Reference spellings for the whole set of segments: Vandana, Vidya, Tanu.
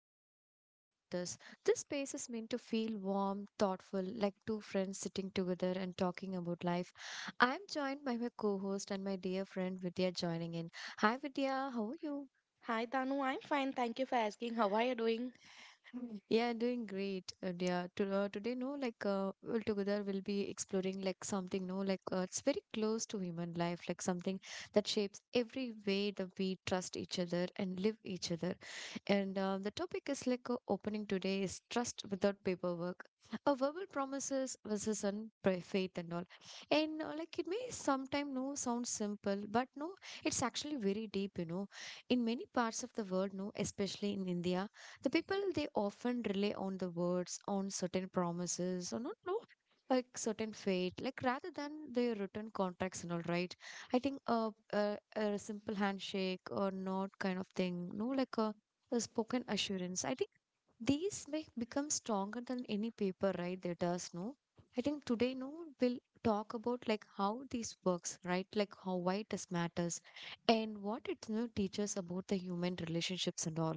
happy to be here with us. This space is meant to feel warm, thoughtful, like two friends sitting together and talking about life. I'm joined by my co host and my dear friend Vidya joining in. Hi Vidya, how are you? Hi Tanu, I'm fine. Thank you for asking. How are you doing? Yeah, doing great, yeah, To, today, no, like all together we'll be exploring like something, no, like it's very close to human life, like something that shapes every way that we trust each other and live each other. And the topic is like opening today is trust without paperwork, a verbal promises versus on faith and all. And like it may sometime no sound simple, but no, it's actually very deep. You know, in many parts of the world, no, especially in India, the people they often rely on the words on certain promises or not no like certain fate like rather than the written contracts and all, right? I think a simple handshake or not kind of thing no like a spoken assurance. I think these may become stronger than any paper, right? There does no. I think today no we'll talk about like how this works, right? Like how why this matters and what it, you know, teaches about the human relationships and all.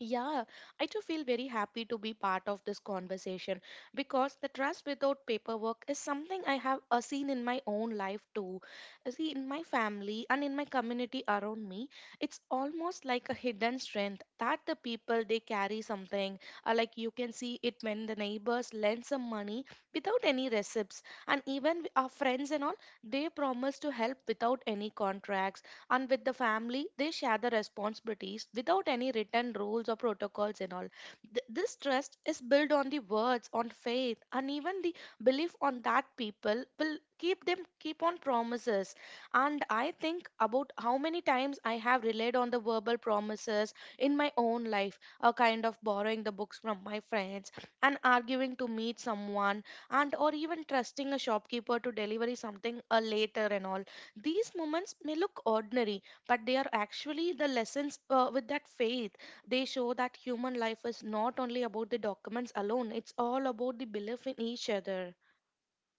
Yeah, I too feel very happy to be part of this conversation because the trust without paperwork is something I have seen in my own life too. See, in my family and in my community around me, it's almost like a hidden strength that the people they carry something. Like you can see it when the neighbors lend some money without any receipts, and even our friends and all they promise to help without any contracts and with the family they share the responsibilities without any written rules or protocols and all. This trust is built on the words on faith and even the belief on that people will keep them keep on promises. And I think about how many times I have relied on the verbal promises in my own life, a kind of borrowing the books from my friends and arguing to meet someone and or even trusting a shopkeeper to deliver something later and all. These moments may look ordinary, but they are actually the lessons with that faith. They show that human life is not only about the documents alone, it's all about the belief in each other.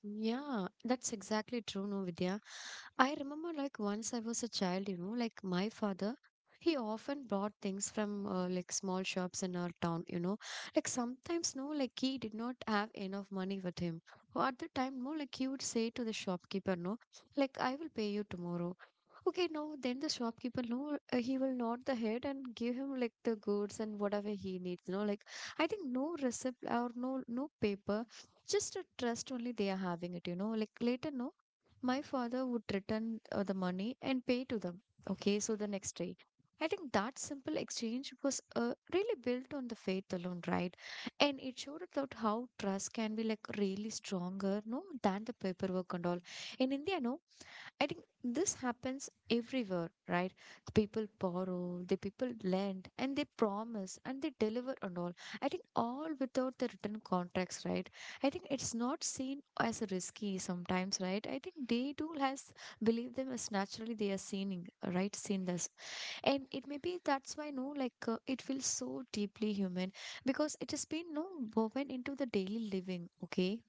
Yeah, that's exactly true, no, Vidya. I remember like once I was a child, you know, like my father, he often brought things from like small shops in our town, you know. Like sometimes, no, like he did not have enough money with him. Or at the time, no, like he would say to the shopkeeper, no, like I will pay you tomorrow. Okay, no, then the shopkeeper, no, he will nod the head and give him like the goods and whatever he needs, no, like I think no receipt or no paper, just a trust only they are having it, you know. Like later, no, my father would return the money and pay to them. Okay, so the next day. I think that simple exchange was really built on the faith alone, right? And it showed about how trust can be like really stronger, no, than the paperwork and all. In India, no, I think this happens everywhere, right? The people borrow, the people lend, and they promise and they deliver and all. I think all without the written contracts, right? I think it's not seen as risky sometimes, right? I think they too has believe them as naturally they are seeing, right? Seen this, and it may be that's why no, like it feels so deeply human because it has been no woven into the daily living. Okay.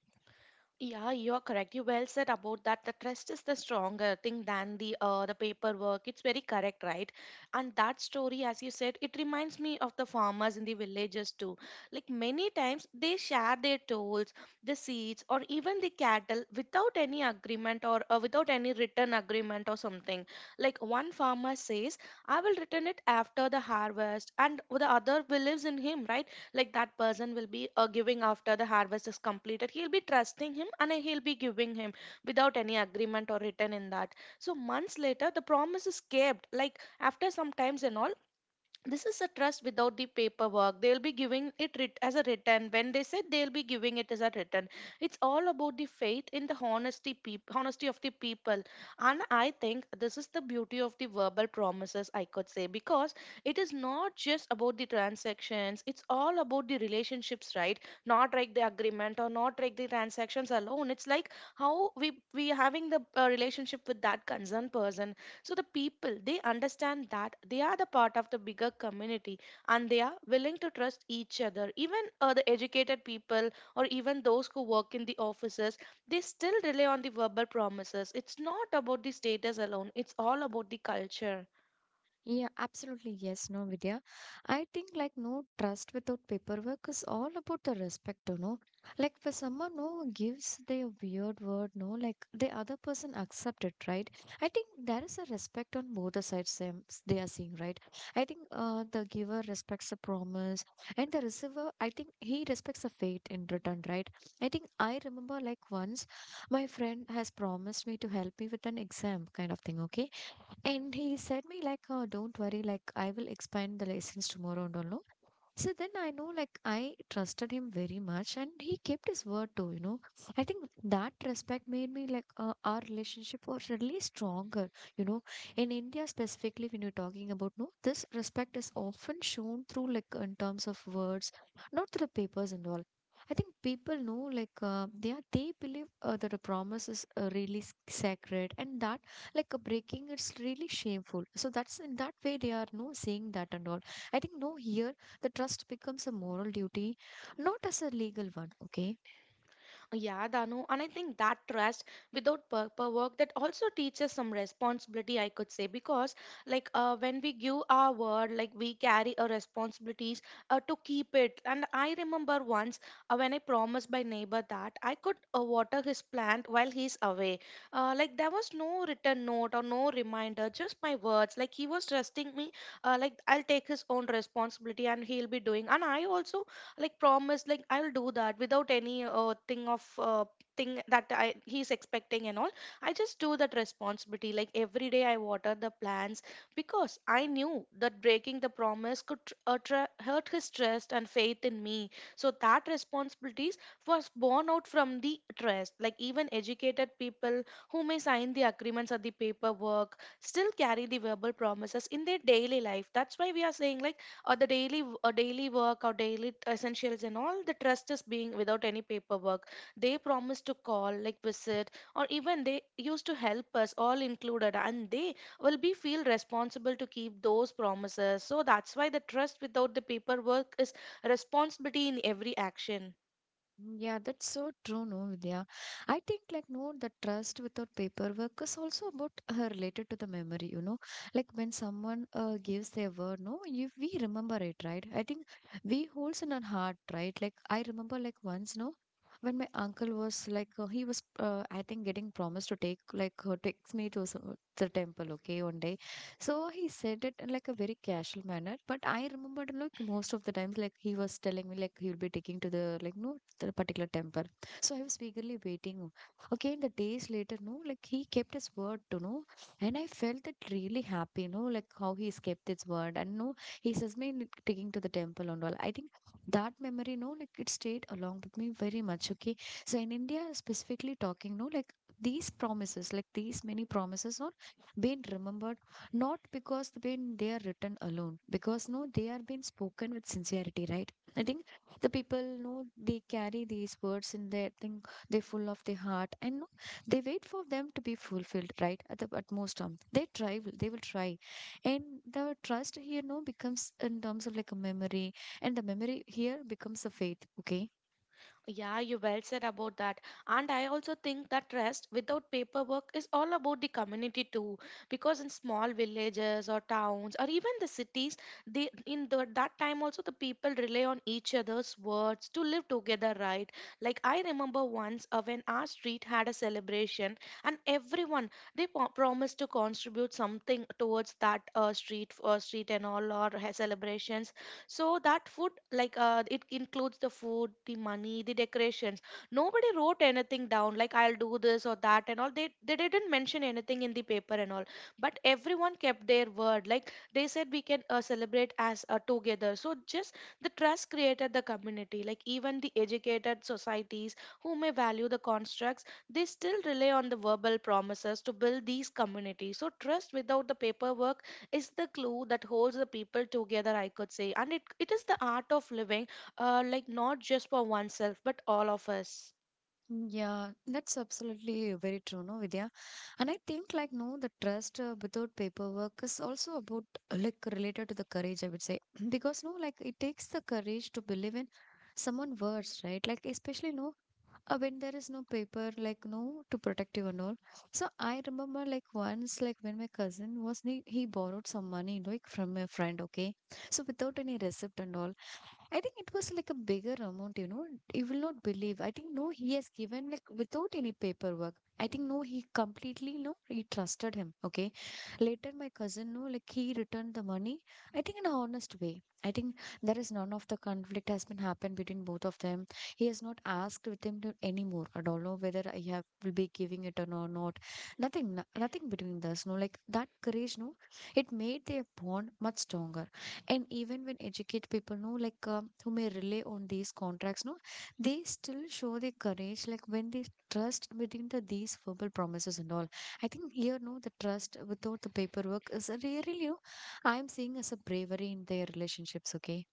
Yeah, you are correct. You well said about that. The trust is the stronger thing than the paperwork. It's very correct, right? And that story, as you said, it reminds me of the farmers in the villages too. Like many times, they share their tools, the seeds, or even the cattle without any agreement or without any written agreement or something. Like one farmer says, "I will return it after the harvest," and the other believes in him, right? Like that person will be giving after the harvest is completed, he'll be trusting him and he'll be giving him without any agreement or written in that. So months later the promise is kept, like after some times and all. This is a trust without the paperwork. They'll be giving it as a written when they said they'll be giving it as a written. It's all about the faith in the honesty honesty of the people. And I think this is the beauty of the verbal promises, I could say, because it is not just about the transactions, it's all about the relationships, right? Not like the agreement or not like the transactions alone, it's like how we having the relationship with that concerned person. So the people, they understand that they are the part of the bigger community and they are willing to trust each other. Even the educated people or even those who work in the offices, they still rely on the verbal promises. It's not about the status alone, it's all about the culture. Yeah, absolutely. Yes, no, Vidya. I think like no trust without paperwork is all about the respect, you know. Like for someone who gives their weird word, no, like the other person accept it, right? I think there is a respect on both the sides them they are seeing, right? I think the giver respects the promise, and the receiver, I think he respects the fate in return, right? I think I remember like once my friend has promised me to help me with an exam kind of thing, okay? And he said me like, oh, don't worry, like I will explain the lessons tomorrow and all. No? So then I know, like, I trusted him very much and he kept his word too, you know. I think that respect made me, like, our relationship was really stronger, you know. In India, specifically, when you're talking about, no, this respect is often shown through, like, in terms of words, not through the papers and all. I think people know, like, they are, they believe that a promise is really sacred and that, like, a breaking it's really shameful. So that's in that way they are, no, saying that and all. I think no, here the trust becomes a moral duty, not as a legal one, okay? Yeah, Danu, and I think that trust without purpose work that also teaches some responsibility, I could say, because like when we give our word, like we carry a responsibilities to keep it. And I remember once when I promised my neighbor that I could water his plant while he's away. Like there was no written note or no reminder, just my words. Like he was trusting me, like I'll take his own responsibility and he'll be doing. And I also like promise like I'll do that without any thing that I he's expecting and all. I just do that responsibility, like every day I water the plants because I knew that breaking the promise could hurt his trust and faith in me. So that responsibilities was born out from the trust. Like even educated people who may sign the agreements or the paperwork still carry the verbal promises in their daily life. That's why we are saying like, or the or daily work or essentials and all, the trust is being without any paperwork. They promise to call, like visit, or even they used to help us all included, and they will be feel responsible to keep those promises. So that's why the trust without the paperwork is responsibility in every action. Mm, yeah, that's so true, no, Vidya. I think like no, the trust without paperwork is also about related to the memory, you know. Like when someone gives their word, no, if we remember it, right? I think we holds in our heart, right? Like I remember like once, no, when my uncle was like he was I think getting promised to take like takes me to the temple, okay, one day. So he said it in like a very casual manner, but I remembered like most of the times like he was telling me like he'll be taking to the like no that particular temple. So I was eagerly waiting. Again, the days later, no, like he kept his word, you know, and I felt that really happy, you know, like how he's kept his word. And no, he says me taking to the temple and all. I think that memory, no, like it stayed along with me very much. Okay. So in India, specifically talking, no, like these promises, like these many promises are being remembered not because they been they are written alone because no they are being spoken with sincerity, right? I think the people know they carry these words in their thing. They're full of their heart and no, they wait for them to be fulfilled, right? At the utmost term they try. They will try. And the trust here no becomes in terms of like a memory, and the memory here becomes a faith. Okay. Yeah, you well said about that. And I also think that rest without paperwork is all about the community too. Because in small villages or towns or even the cities, they in the, that time also the people rely on each other's words to live together, right? Like I remember once when our street had a celebration and everyone they promised to contribute something towards that uh, street street and all or celebrations. So that food, like it includes the food, the money, the decorations. Nobody wrote anything down, like I'll do this or that and all. They didn't mention anything in the paper and all. But everyone kept their word. Like they said, we can celebrate as together. So just the trust created the community. Like even the educated societies who may value the constructs, they still rely on the verbal promises to build these communities. So trust without the paperwork is the glue that holds the people together, I could say. And it is the art of living, like not just for oneself, but all of us. Mm, yeah, that's absolutely very true, no, Vidya. And I think like no, the trust without paperwork is also about like related to the courage, I would say, because no, like it takes the courage to believe in someone words, right? Like especially no when there is no paper like no to protect you and all. So I remember like once like when my cousin was he borrowed some money like from a friend, okay? So without any receipt and all. I think it was like a bigger amount, you know. You will not believe. I think no, he has given like without any paperwork. I think no, he completely no, he trusted him. Okay. Later, my cousin no, like he returned the money. I think in a honest way. I think there is none of the conflict has been happened between both of them. He has not asked with him to anymore. I don't know whether I have will be giving it or not. Nothing, nothing between us. No, like that courage. No, it made their bond much stronger. And even when educate people, no, like who may rely on these contracts, no, they still show their courage. Like when they trust between the these verbal promises and all. I think here, no, the trust without the paperwork is really, you know, I'm seeing as a bravery in their relationships. Okay.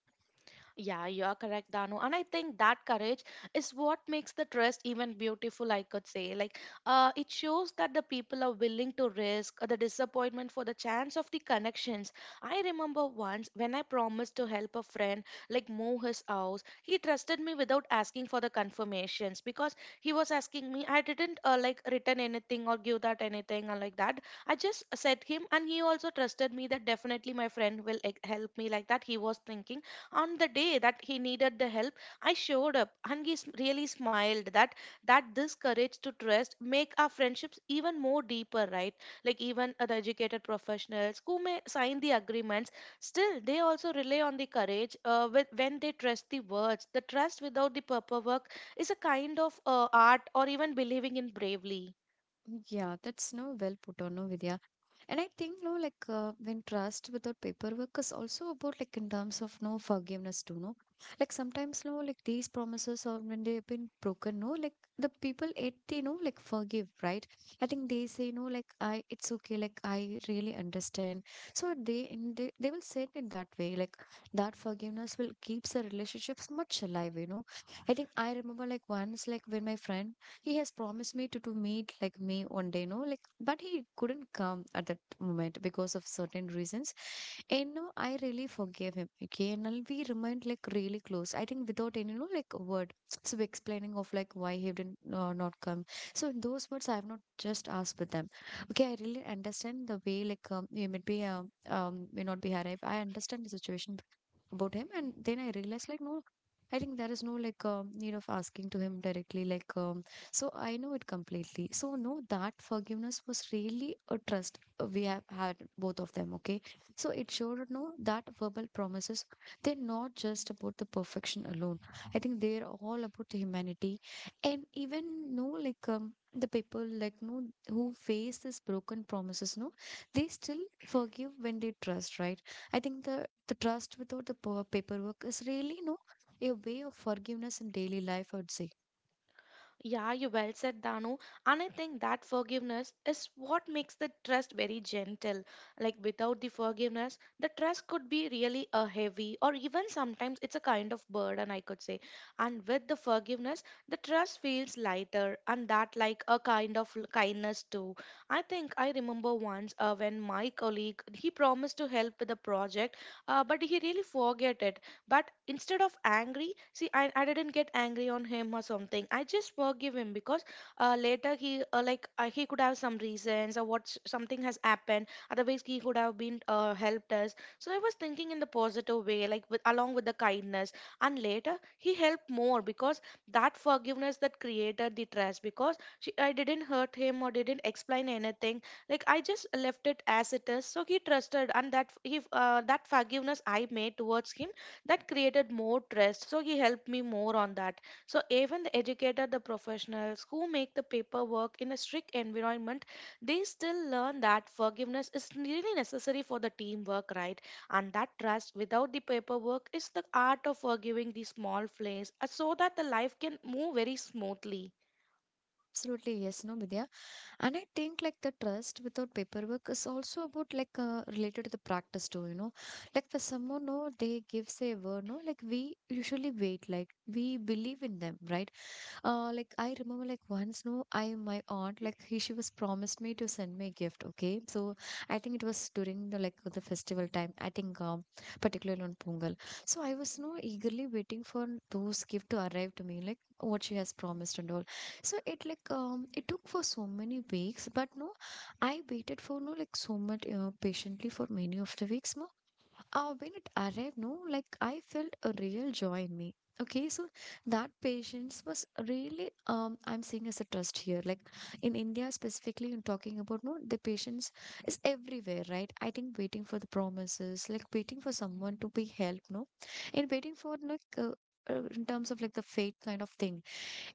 Yeah, you are correct, Danu. And I think that courage is what makes the trust even beautiful, I could say. Like, it shows that the people are willing to risk the disappointment for the chance of the connections. I remember once when I promised to help a friend, like, move his house, he trusted me without asking for the confirmations because he was asking me, I didn't, like, written anything or give that anything or like that. I just said him, and he also trusted me that definitely my friend will like, help me, like that. He was thinking on the day that he needed the help. I showed up and really smiled that this courage to trust make our friendships even more deeper, right? Like even other educated professionals who may sign the agreements, still they also rely on the courage when they trust the words. The trust without the paperwork is a kind of art or even believing in bravely. Yeah, that's no well put on, no Vidya. And I think no, like when trust without paperwork is also about like in terms of no forgiveness too, no. Like sometimes no, like these promises or when they've been broken, no, like the people it they know like forgive, right? I think they say no, like I it's okay, like I really understand. So they in they will say it in that way, like that forgiveness will keeps the relationships much alive, you know. I think I remember like once like when my friend he has promised me to meet like me one day, no, like, but he couldn't come at that moment because of certain reasons. And no, I really forgave him. Okay, and now we remained like really close. I think without any, you know, like word, so explaining of like why he didn't not come. So in those words, I have not just asked with them. Okay, I really understand the way like you may be may not be arrived. I understand the situation about him and then I realized like no I think there is no like need of asking to him directly like so I know it completely so no that forgiveness was really a trust we have had both of them, okay. So it showed no that verbal promises they're not just about the perfection alone. I think they're all about the humanity. And even no like the people like no who face this broken promises no they still forgive when they trust, right? I think the trust without the paperwork is really no a way of forgiveness in daily life, I would say. Yeah, you well said, Danu. And I think that forgiveness is what makes the trust very gentle. Like without the forgiveness, the trust could be really a heavy or even sometimes it's a kind of burden, I could say. And with the forgiveness, the trust feels lighter and that like a kind of kindness too. I think I remember once when my colleague he promised to help with a project, but he really forget it. But instead of angry, see, I didn't get angry on him or something. I just forgive him because later he could have some reasons or what something has happened. Otherwise, he could have been helped us. So I was thinking in the positive way, like with, along with the kindness. And later he helped more because that forgiveness that created the trust. Because she, I didn't hurt him or didn't explain anything. Like I just left it as it is. So he trusted, and that f- he that forgiveness I made towards him, that created more trust, so he helped me more on that. So even the educator, the professionals who make the paperwork in a strict environment, they still learn that forgiveness is really necessary for the teamwork, right? And that trust without the paperwork is the art of forgiving the small flaws so that the life can move very smoothly. Absolutely, yes, no, Vidya. And I think like the trust without paperwork is also about like related to the practice too, you know. Like for someone, no, they give say a word, no, like we usually wait, like we believe in them, right? Like I remember, like once, no, I my aunt, like he, she was promised me to send me a gift. Okay, so I think it was during the like the festival time. I think particularly on Pongal. So I was no eagerly waiting for those gift to arrive to me, like what she has promised and all. So it like it took for so many weeks, but no, I waited for no like so much patiently for many of the weeks, no. When it arrived, no, like I felt a real joy in me. Okay, so that patience was really I'm seeing as a trust here. Like in India specifically, you're talking about no, the patience is everywhere, right? I think waiting for the promises, like waiting for someone to be helped, no, and waiting for like in terms of like the fate kind of thing.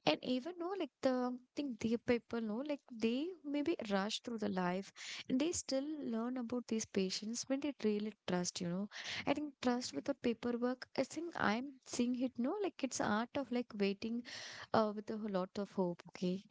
And even know like the think the people know like they maybe rush through the life and they still learn about these patients when they really trust, you know. I think trust without paperwork, I think I'm seeing it no like it's art of like waiting with a lot of hope. Okay.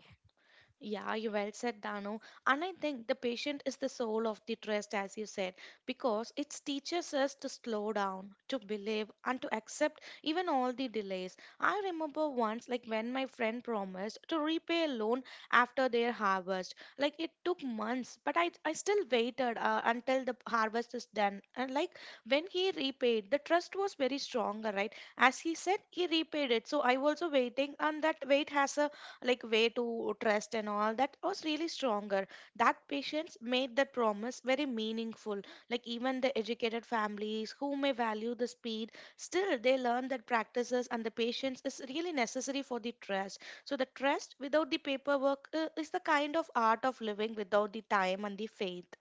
Yeah, you well said, Dano. And I think the patient is the soul of the trust, as you said, because it teaches us to slow down, to believe, and to accept even all the delays. I remember once, like when my friend promised to repay a loan after their harvest. Like it took months, but I still waited until the harvest is done. And like when he repaid, the trust was very strong, right? As he said, he repaid it. So I was also waiting, and that wait has a like way to trust and all that was really stronger. That patience made that promise very meaningful. Like even the educated families who may value the speed, still they learn that practices and the patience is really necessary for the trust. So the trust without the paperwork is the kind of art of living without the time and the faith.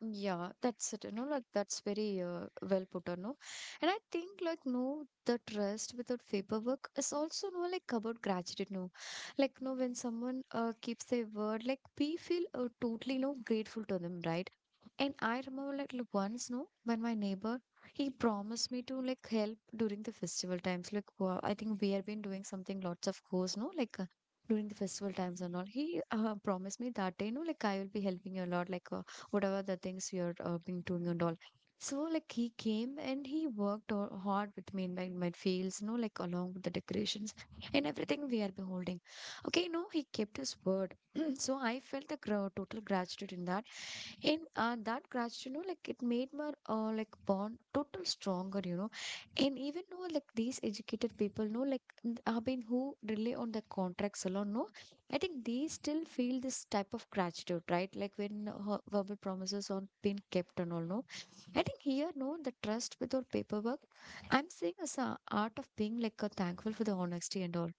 Yeah, that's it, you know, like that's very well put on, know, and I think like no, the trust without paperwork is also no like about gratitude, no. Like no, when someone keeps their word, like we feel totally no grateful to them, right? And I remember like once, no, when my neighbor he promised me to like help during the festival times. Like I think we have been doing something lots of course, no, like. During the festival times and all he promised me that day no, like I will be helping you a lot like whatever the things we are been doing and all. So like he came and he worked hard with me in my fields, you know, like along with the decorations and everything we are beholding. Okay, no, he kept his word. So I felt the total gratitude in that. And that gratitude, you know, like it made my like bond total stronger, you know. And even though like these educated people know, like I mean, who rely on the contracts alone, no, I think they still feel this type of gratitude, right? Like when verbal promises are being kept and all, no. I think here, no, the trust without paperwork. I'm seeing as a art of being like a thankful for the honesty and all.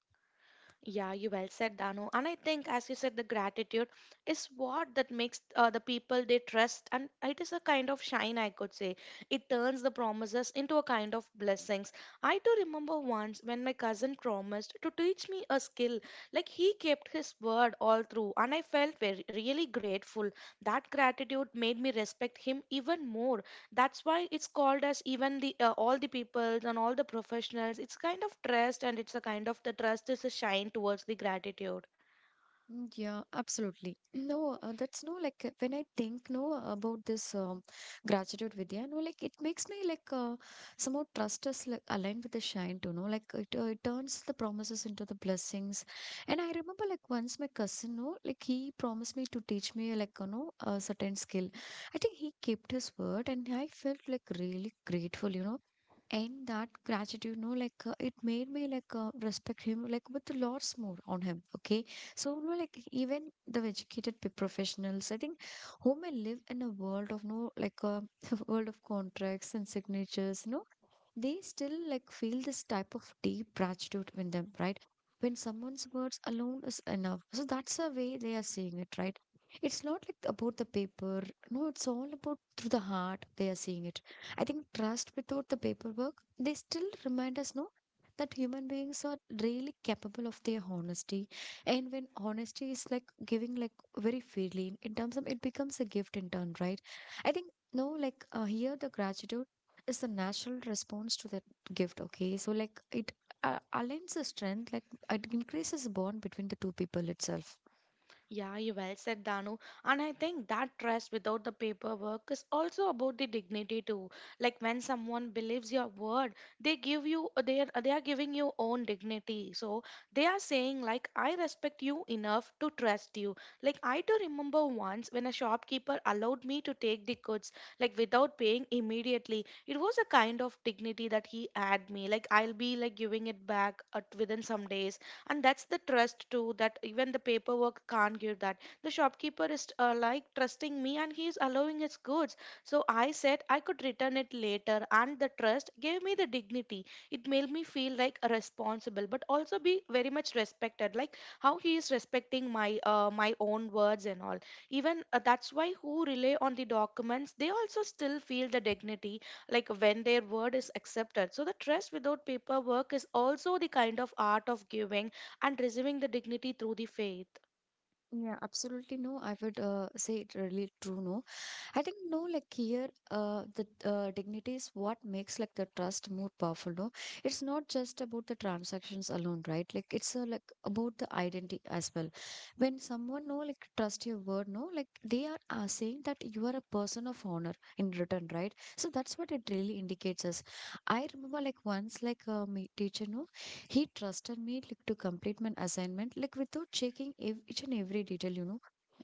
Yeah, you well said, Danu. And I think, as you said, the gratitude is what that makes the people they trust, and it is a kind of shine, I could say. It turns the promises into a kind of blessings. I do remember once when my cousin promised to teach me a skill. Like he kept his word all through, and I felt very really grateful. That gratitude made me respect him even more. That's why it's called as even the all the people and all the professionals, it's kind of trust, and it's a kind of the trust is a shine towards the gratitude. Mm, yeah, absolutely. No, that's no like when I think no about this gratitude Vidya, no, like it makes me like somehow trust us like aligned with the shine too. No, like it turns the promises into the blessings. And I remember like once my cousin, no, like he promised me to teach me like you know a certain skill. I think he kept his word, and I felt like really grateful. You know, and that gratitude no like it made me like respect him like with lots more on him. Okay, so, no, like even the educated professionals, I think women live in a world of no like a world of contracts and signatures, no they still like feel this type of deep gratitude in them, right? When someone's words alone is enough. So that's the way they are seeing it, right? It's not like about the paper. No, it's all about through the heart they are seeing it. I think trust without the paperwork, they still remind us, no, that human beings are really capable of their honesty. And when honesty is like giving like very freely in terms of it becomes a gift in turn, right? I think no, like here the gratitude is the natural response to that gift. Okay, so like it aligns the strength like it increases the bond between the two people itself. Yeah, you well said, Danu. And I think that trust without the paperwork is also about the dignity too. Like when someone believes your word, they give you they are giving you own dignity. So they are saying, like, I respect you enough to trust you. Like I do remember once when a shopkeeper allowed me to take the goods like without paying immediately. It was a kind of dignity that he had me. Like I'll be like giving it back at, within some days, and that's the trust too, that even the paperwork can't give that. The shopkeeper is, like, trusting me and he is allowing his goods, so I said I could return it later, and the trust gave me the dignity. It made me feel like responsible but also be very much respected, like how he is respecting my my own words and all. Even, that's why who rely on the documents, they also still feel the dignity, like when their word is accepted. So the trust without paperwork is also the kind of art of giving and receiving the dignity through the faith. Yeah, absolutely no. I would say it really true. No, I think no. Like here, the dignity is what makes like the trust more powerful. No, it's not just about the transactions alone, right? Like it's like about the identity as well. When someone no like trust your word, no, like they are saying that you are a person of honor in return, right? So that's what it really indicates us. I remember like once like my teacher no he trusted me like to complete my assignment like without checking each and every detail, you know,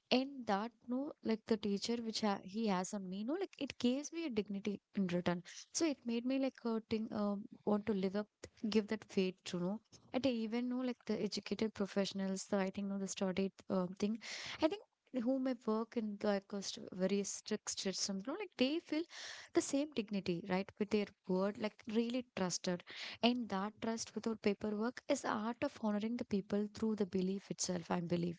and that no like the teacher which he has on me no like it gives me a dignity in return. So it made me like think, want to live up, give that faith to know. And I even know like the educated professionals, so I think no the studied thing, I think who may work in like a very strict system, you know, like they feel the same dignity, right? With their word, like really trusted. And that trust without paperwork is the art of honoring the people through the belief itself, I believe.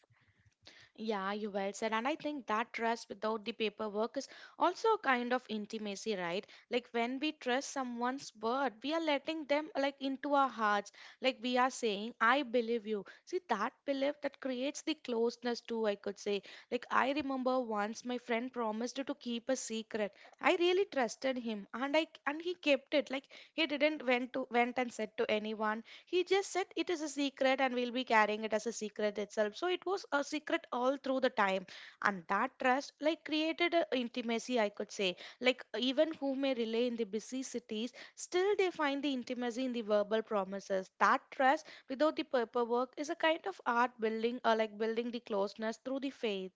Yeah, you well said. And I think that trust without the paperwork is also a kind of intimacy, right? Like when we trust someone's word, we are letting them like into our hearts. Like we are saying, I believe you. See, that belief that creates the closeness too, I could say. Like I remember once my friend promised to keep a secret. I really trusted him, and I and he kept it. Like he didn't went to went and said to anyone. He just said it is a secret and we'll be carrying it as a secret itself. So it was a secret all through the time. And that trust, like, created a intimacy, I could say. Like, even who may relay in the busy cities, still they find the intimacy in the verbal promises. That trust, without the paperwork, is a kind of art building, or like building the closeness through the faith.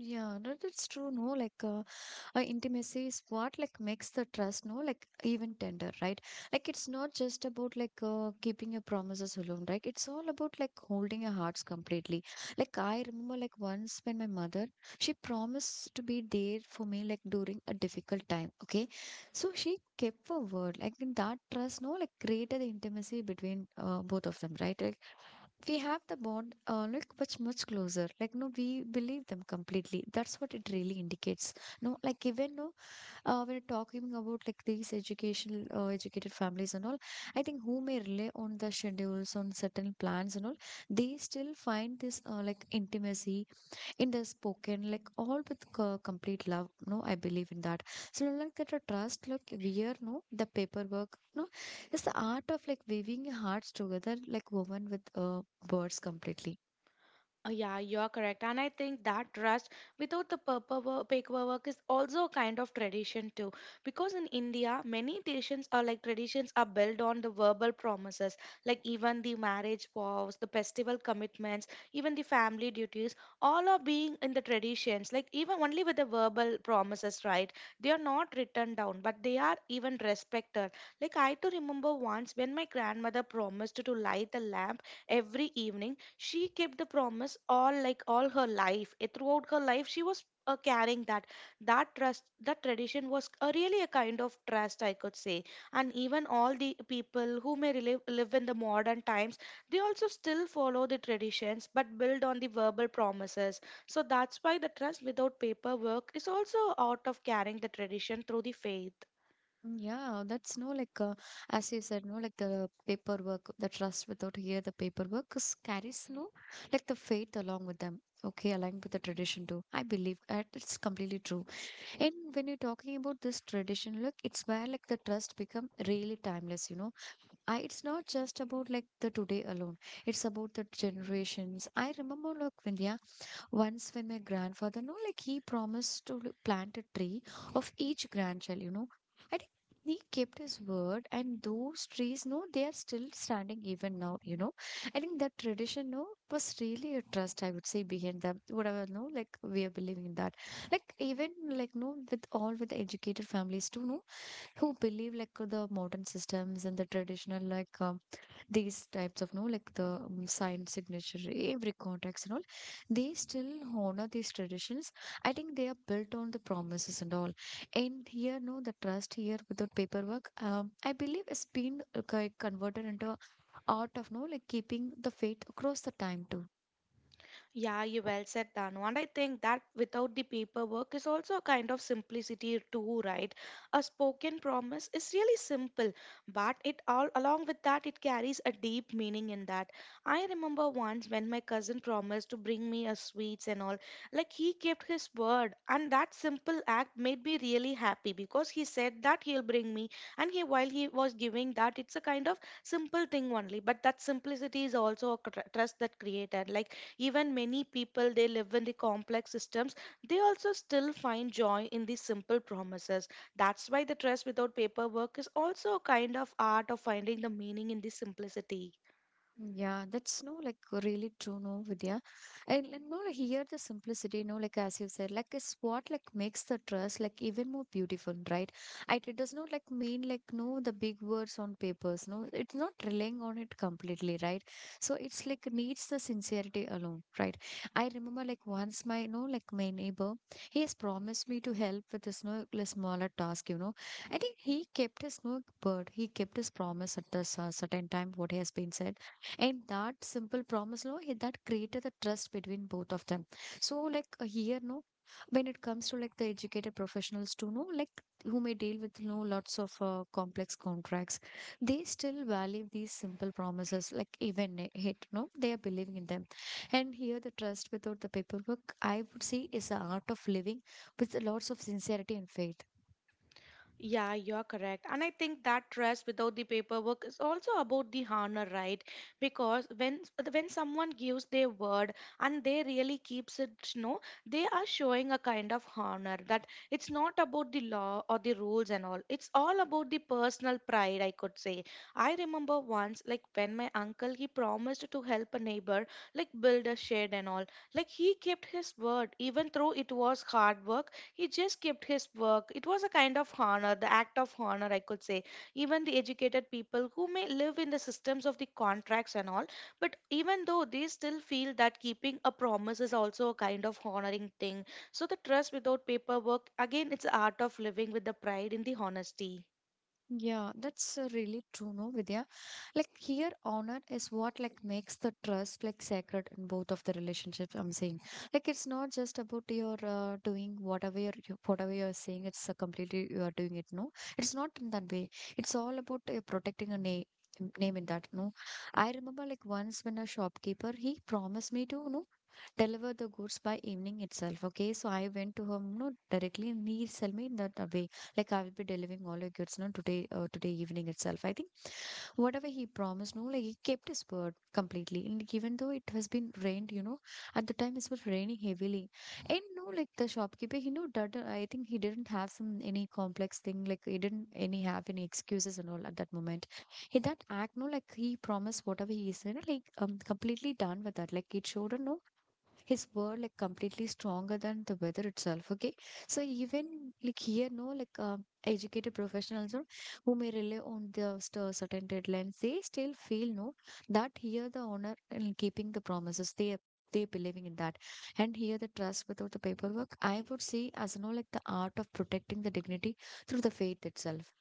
Yeah, that's true. No, like intimacy is what like makes the trust no like even tender, right? Like it's not just about like keeping your promises alone, right? It's all about like holding your hearts completely. Like I remember like once when my mother she promised to be there for me like during a difficult time. Okay, so she kept her word like in that trust no like created the intimacy between both of them, right? Like we have the bond like much closer like no we believe them completely. That's what it really indicates no like even no when talking about like these educational educated families and all, I think who may rely on the schedules on certain plans and all, they still find this like intimacy in the spoken like all with complete love no I believe in that. So like that a trust look we are no the paperwork no, it's the art of like weaving hearts together like woven with words completely. Yeah, you're correct. And I think that trust without the paperwork is also a kind of tradition too. Because in India, many traditions are, like traditions are built on the verbal promises, like even the marriage vows, the festival commitments, even the family duties, all are being in the traditions, like even only with the verbal promises, right? They are not written down, but they are even respected. Like I too remember once when my grandmother promised to light a lamp every evening. She kept the promise all her life. Eh, throughout her life she was carrying that. That trust, that tradition, was a really a kind of trust, I could say. And even all the people who may live in the modern times, they also still follow the traditions, but build on the verbal promises. So that's why the trust without paperwork is also out of carrying the tradition through the faith. Mm, yeah, that's no like as you said no like the paperwork the trust without here the paperwork is- carries no like the faith along with them. Okay, aligned with the tradition too I believe that it's completely true. And when you're talking about this tradition, look, it's where like the trust become really timeless, you know. I, it's not just about like the today alone. It's about the generations. I remember, look, Vindhya, once, when my grandfather, no, like he promised to plant a tree of each grandchild, you know, I think he kept his word, and those trees, no, they are still standing even now, you know. I think that tradition, no, was really a trust, I would say, behind them, whatever, no, like we are believing in that. Like, even, like, no, with all with the educated families, too, no, who believe like the modern systems and the traditional like these types of no like the signature every contacts and all, they still honor these traditions. I think they are built on the promises and all. And here no the trust here without paperwork I believe it's been converted into a art of no like keeping the faith across the time too. Yeah, you well said, Danu. And I think that without the paperwork is also a kind of simplicity too, right? A spoken promise is really simple, but it all along with that it carries a deep meaning in that. I remember once when my cousin promised to bring me a sweets and all, like he kept his word, and that simple act made me really happy, because he said that he'll bring me, and he while he was giving that, it's a kind of simple thing only, but that simplicity is also a trust that created. Like even many people, they live in the complex systems, they also still find joy in the simple promises. That's why the trust without paperwork is also a kind of art of finding the meaning in the simplicity. Yeah, that's no like really true, no, Vidya. And no, like, here the simplicity, no, like as you said, like is what like makes the dress like even more beautiful, right? And it does not like mean like no the big words on papers, no, it's not relying on it completely, right? So it's like needs the sincerity alone, right? I remember like once my no like my neighbor, he has promised me to help with this no like smaller task, you know. I think he kept his no word, he kept his promise at this certain time what he has been said, and that simple promise, no, it- that created the trust between both of them. So, like here, no, when it comes to like the educated professionals too, no, like who may deal with no lots of complex contracts, they still value these simple promises, like even it, no, they are believing in them. And here, the trust without the paperwork, I would say, is the art of living with lots of sincerity and faith. Yeah, you're correct. And I think that trust without the paperwork is also about the honor, right? Because when someone gives their word and they really keeps it, you know, they are showing a kind of honor, that it's not about the law or the rules and all. It's all about the personal pride, I could say. I remember once, like when my uncle he promised to help a neighbor, like build a shed and all. Like he kept his word, even though it was hard work, he just kept his work. It was a kind of honor, the act of honor, I could say. Even the educated people who may live in the systems of the contracts and all, but even though, they still feel that keeping a promise is also a kind of honoring thing. So the trust without paperwork, again, it's the art of living with the pride in the honesty. Yeah, that's really true, no, Vidya. Like here, honor is what makes the trust sacred in both of the relationships. I'm saying, like it's not just about your doing whatever you're saying. It's completely you are doing it. No, it's not in that way. It's all about protecting a name. Name in that, no. I remember like once when a shopkeeper he promised me to, no, deliver the goods by evening itself. Okay, so I went to her, no, directly, and he sell me in that way. Like I will be delivering all your goods, no, today, today evening itself. I think whatever he promised, no, like he kept his word completely. And even though it has been rained, at the time it was raining heavily, and no, like the shopkeeper, he knew that I think he didn't have some any complex thing, like he didn't any have any excuses and all at that moment. In that act, no, like he promised whatever he said, like completely done with that. Like it showed, no, his word like completely stronger than the weather itself. Okay, so even like here no, like educated professionals or who may rely on the certain deadlines, they still feel, no, that here the honor in keeping the promises, they believing in that. And here the trust without the paperwork, I would see as no, like the art of protecting the dignity through the faith itself.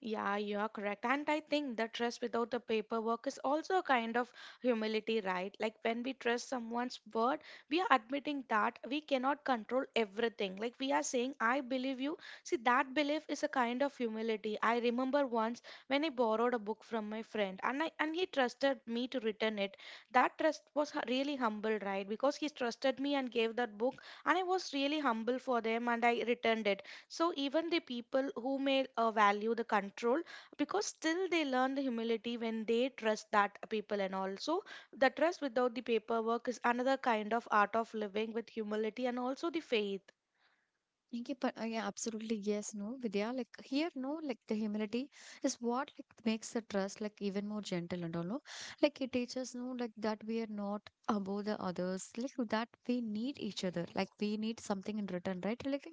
Yeah, you are correct. And I think the trust without the paperwork is also a kind of humility, right? Like when we trust someone's word, we are admitting that we cannot control everything. Like we are saying, I believe you. See, that belief is a kind of humility. I remember once when I borrowed a book from my friend, and I and he trusted me to return it. That trust was really humble, right? Because he trusted me and gave that book, and I was really humble for them and I returned it. So even the people who may, value the control, because still they learn the humility when they trust that people. And also the trust without the paperwork is another kind of art of living with humility and also the faith. Thank you, but yeah, absolutely yes, no, Vidya. Like here, no, like the humility is what makes the trust like even more gentle and all. No, like it teaches no, like that we are not above the others, like that we need each other, like we need something in return, right? Like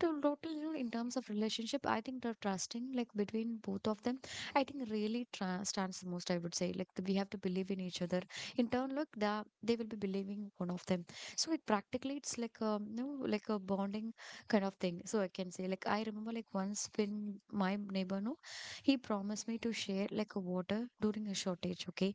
to total, you know, in terms of relationship, I think the trusting like between both of them, I think really stands the most. I would say like we have to believe in each other. In turn, look, they will be believing one of them. So it practically it's like a no, like a bonding kind of thing. So I can say, like, I remember, like, once when my neighbor, no, he promised me to share, like, a water during a shortage, okay?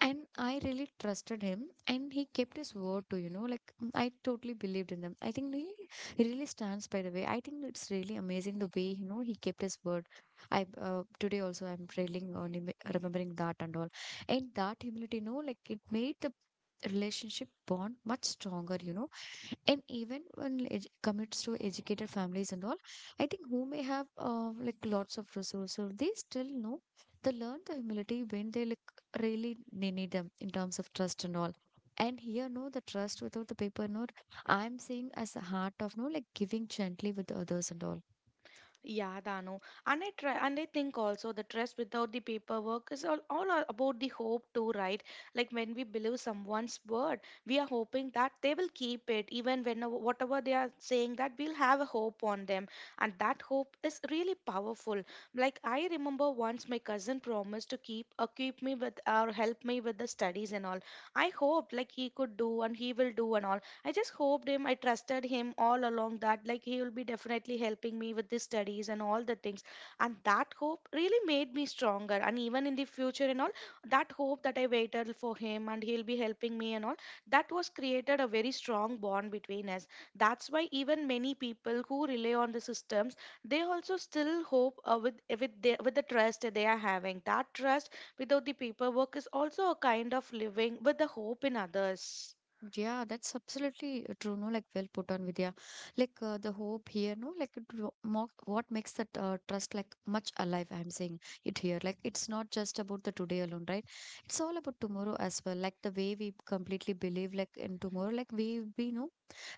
And I really trusted him and he kept his word to, you know, like, I totally believed in him. I think he really stands by the way. I think it's really amazing the way, you know, he kept his word. I, today also, I'm really remembering that and all. And that humility, you know, like, it made the relationship bond much stronger, you know. And even when it commits to educated families and all, I think who may have like lots of resources, they still know they learn the humility when they like really they need them in terms of trust and all. And here no, the trust without the paper note, I'm saying as a heart of no, like giving gently with others and all. Yeah, Dano. And I try, and I think also the trust without the paperwork is all, about the hope too, right? Like when we believe someone's word, we are hoping that they will keep it, even when whatever they are saying, that we'll have a hope on them. And that hope is really powerful. Like I remember once my cousin promised to keep, me with, or help me with the studies and all. I hoped like he could do and he will do and all. I just hoped him, I trusted him all along that like he will be definitely helping me with the studies and all the things. And that hope really made me stronger. And even in the future and all, that hope that I waited for him and he'll be helping me and all, that was created a very strong bond between us. That's why even many people who rely on the systems, they also still hope, with with the trust that they are having. That trust without the paperwork is also a kind of living with the hope in others. Yeah, that's absolutely true. No, like well put on Vidya. Like the hope here, no, like it, wo- mo what makes that trust like much alive. I'm saying it here. Like it's not just about the today alone, right? It's all about tomorrow as well. Like the way we completely believe, like in tomorrow, like we know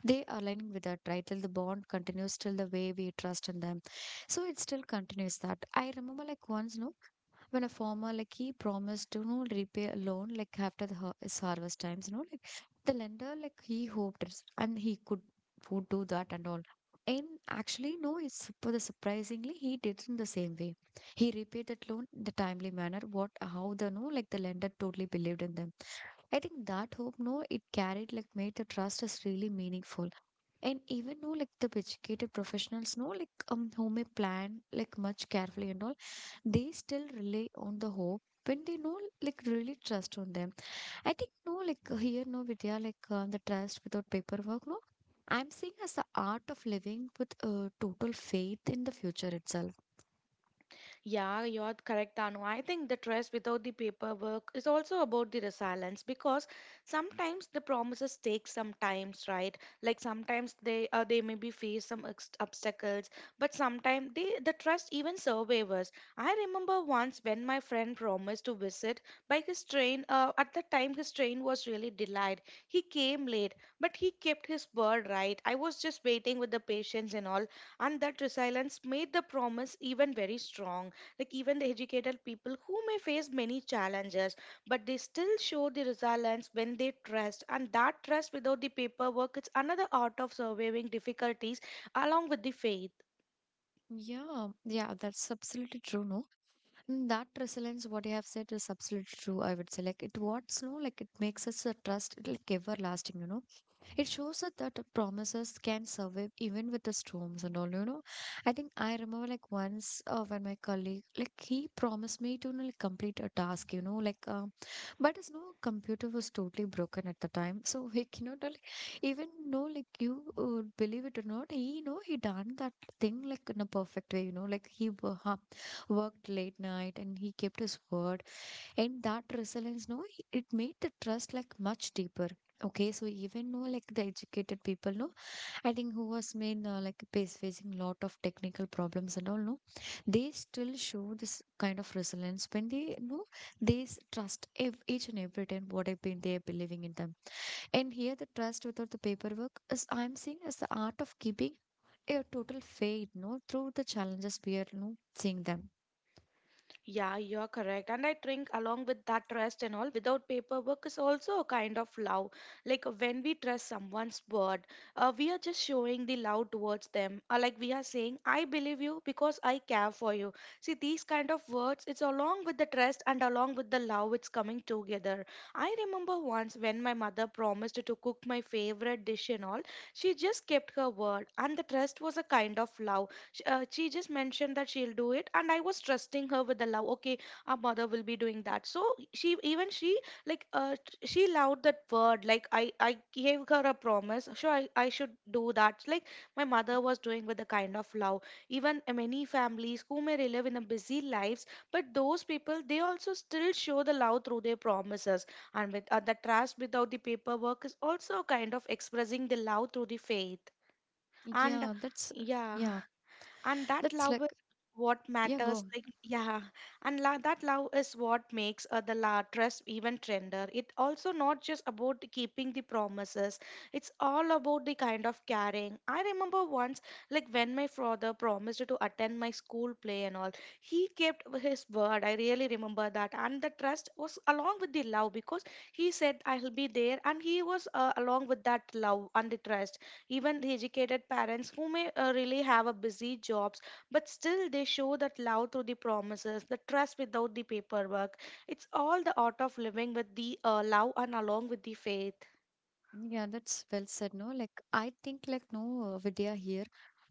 they are aligning with that, right? Till the bond continues, till the way we trust in them, so it still continues. That I remember, like once, no, when a farmer like he promised to, you know, repay a loan like after the his harvest times, you know, like the lender like he and he could would do that and all. And actually no, it's for the surprisingly he did it in the same way. He repaid that loan in the timely manner what how the no, like the lender totally believed in them. I think that hope no, it carried like made the trust as really meaningful. And even no, like the educated professionals know, like who may plan like much carefully and all, they still rely on the hope when they know like really trust on them. I think no, like here no, Vidya, like the trust without paperwork no, I'm seeing as the art of living with total faith in the future itself. Yeah, you're correct, Anu. I think the trust without the paperwork is also about the resilience, because sometimes the promises take some times, right? Like sometimes they maybe face some obstacles, but sometimes they the trust even survivors. I remember once when my friend promised to visit by his train. At the time, his train was really delayed. He came late, but he kept his word, right? I was just waiting with the patience and all, and that resilience made the promise even very strong. Like even the educated people who may face many challenges, but they still show the resilience when they trust. And that trust without the paperwork, it's another art of surviving difficulties along with the faith. Yeah, that's absolutely true, no. Mm, that resilience what you have said is absolutely true. I would say like it what's no, like it makes us a trust like everlasting, you know. It shows that the promises can survive even with the storms and all, you know. I think I remember like once when my colleague, like he promised me to, you know, like complete a task, you know, but his no computer was totally broken at the time. So he cannot like, even know like you believe it or not, he know he done that thing like in a perfect way, you know, like he worked late night and he kept his word. And that resilience no, it made the trust like much deeper. Okay, so even though like the educated people no, I think who was main like face facing lot of technical problems and all no, they still show this kind of resilience when they know trust each and every time what I've been they are believing in them. And here the trust without the paperwork is I'm seeing as the art of keeping a total faith, no, through the challenges we are no seeing them. Yeah, you're correct. And I think along with that trust and all, without paperwork is also a kind of love. Like when we trust someone's word, we are just showing the love towards them. Like we are saying, I believe you because I care for you. See, these kind of words, it's along with the trust and along with the love, it's coming together. I remember once when my mother promised to cook my favorite dish and all, she just kept her word. And the trust was a kind of love. She just mentioned that she'll do it, and I was trusting her with the love. Okay, our mother will be doing that, so she even she like t- she loved that word. Like I gave her a promise, sure I should do that. Like my mother was doing with the kind of love. Even many families who may live in a busy lives, but those people, they also still show the love through their promises. And with the trust without the paperwork is also a kind of expressing the love through the faith. And Yeah, that's, Yeah. yeah, And that that's love is like, what yeah, matters, go. like. Yeah. That love is what makes the trust even tender. It also not just about the keeping the promises. It's all about the kind of caring. I remember once, like when my father promised to attend my school play and all, he kept his word. I really remember that, and the trust was along with the love, because he said I'll be there, and he was along with that love and the trust. Even the educated parents who may really have a busy jobs, but still they show that love through the promises. The trust without the paperwork, it's all the art of living with the love and along with the faith. Yeah, that's well said, no? Like, I think, like, no, Vidya here,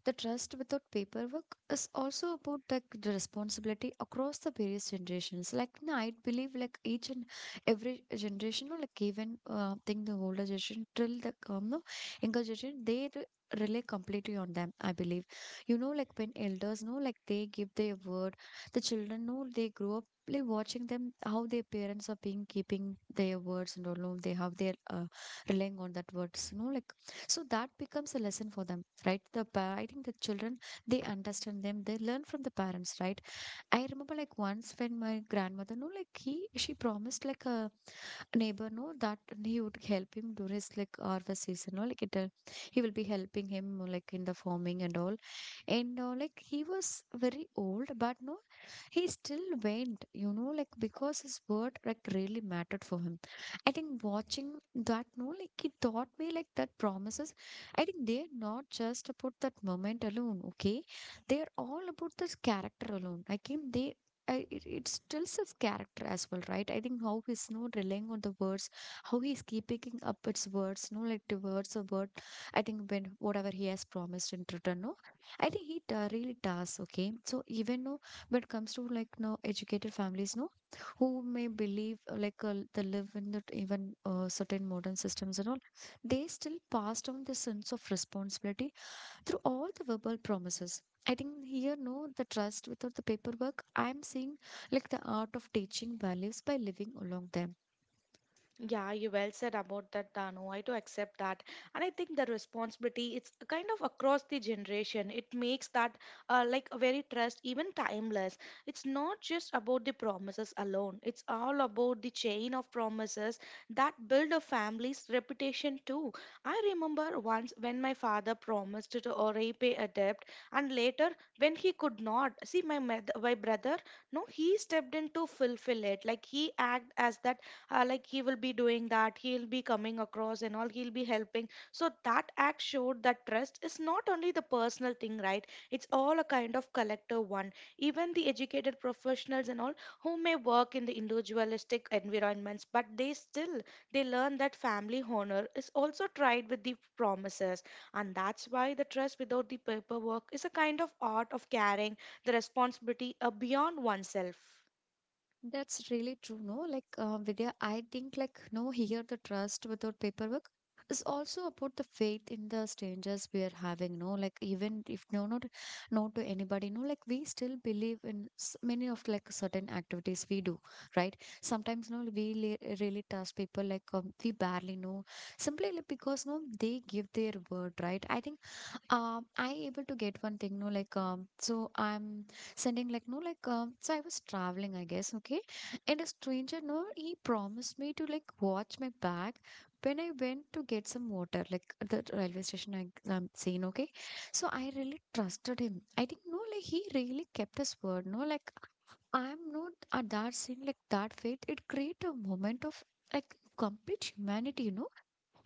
the trust without paperwork is also about, like, the responsibility across the various generations. Like, no, I believe, like, each and every generation, no, like, even, think the older generation till the, no, younger generation, they re rely completely on them, I believe. You know, like, when elders, no, like, they give their word, the children, no, they grow up. Like watching them, how their parents are being keeping their words and all, no, they have their relying on that words, you know, like so that becomes a lesson for them, right? I think the children they understand them, they learn from the parents, right? I remember like once when my grandmother no, like he she promised like a neighbor no, that he would help him during his like harvest season no, like it he will be helping him like in the farming and all. And like he was very old but no, he still went, you know, like because his word like really mattered for him. I think watching that no, like it taught me like that promises, I think they're not just about that moment alone. Okay, they're all about this character alone, I think they, it, it still says character as well, right? I think how he's no relying on the words, how he's keeping up its words, no, like the words of word. I think when whatever he has promised in return, no, I think he really does. Okay, so even though but comes to like no educated families, no, who may believe like they live in that even certain modern systems and all, they still pass on the sense of responsibility through all the verbal promises. I think here, no, the trust without the paperwork, I'm seeing like the art of teaching values by living along them. Yeah, you well said about that, Danu. I do accept that. And I think the responsibility, it's kind of across the generation. It makes that like a very trust, even timeless. It's not just about the promises alone. It's all about the chain of promises that build a family's reputation too. I remember once when my father promised to repay a debt, and later when he could not. See, my brother, no, he stepped in to fulfill it. Like he act as that like he will be doing that, he'll be coming across and all, he'll be helping. So that act showed that trust is not only the personal thing, right? It's all a kind of collective one. Even the educated professionals and all who may work in the individualistic environments, but they still, they learn that family honor is also tried with the promises. And that's why the trust without the paperwork is a kind of art of carrying the responsibility beyond oneself. That's really true, no? Like, Vidya, I think, like, no, here the trust without paperwork is also about the faith in the strangers we are having, no? Like, even if no, not, no to anybody, no, like, we still believe in many of, like, certain activities we do, right? Sometimes, no, we really trust people, like, we barely know, simply like, because, no, they give their word, right? I think I able to get one thing no, like so I'm sending like no, like so I was traveling I guess, okay. And a stranger no, he promised me to like watch my bag when I went to get some water like at the railway station, I am saying, okay. So I really trusted him, I think no, like he really kept his word, no, like I'm not at that scene, like that faith it create a moment of like complete humanity, you know.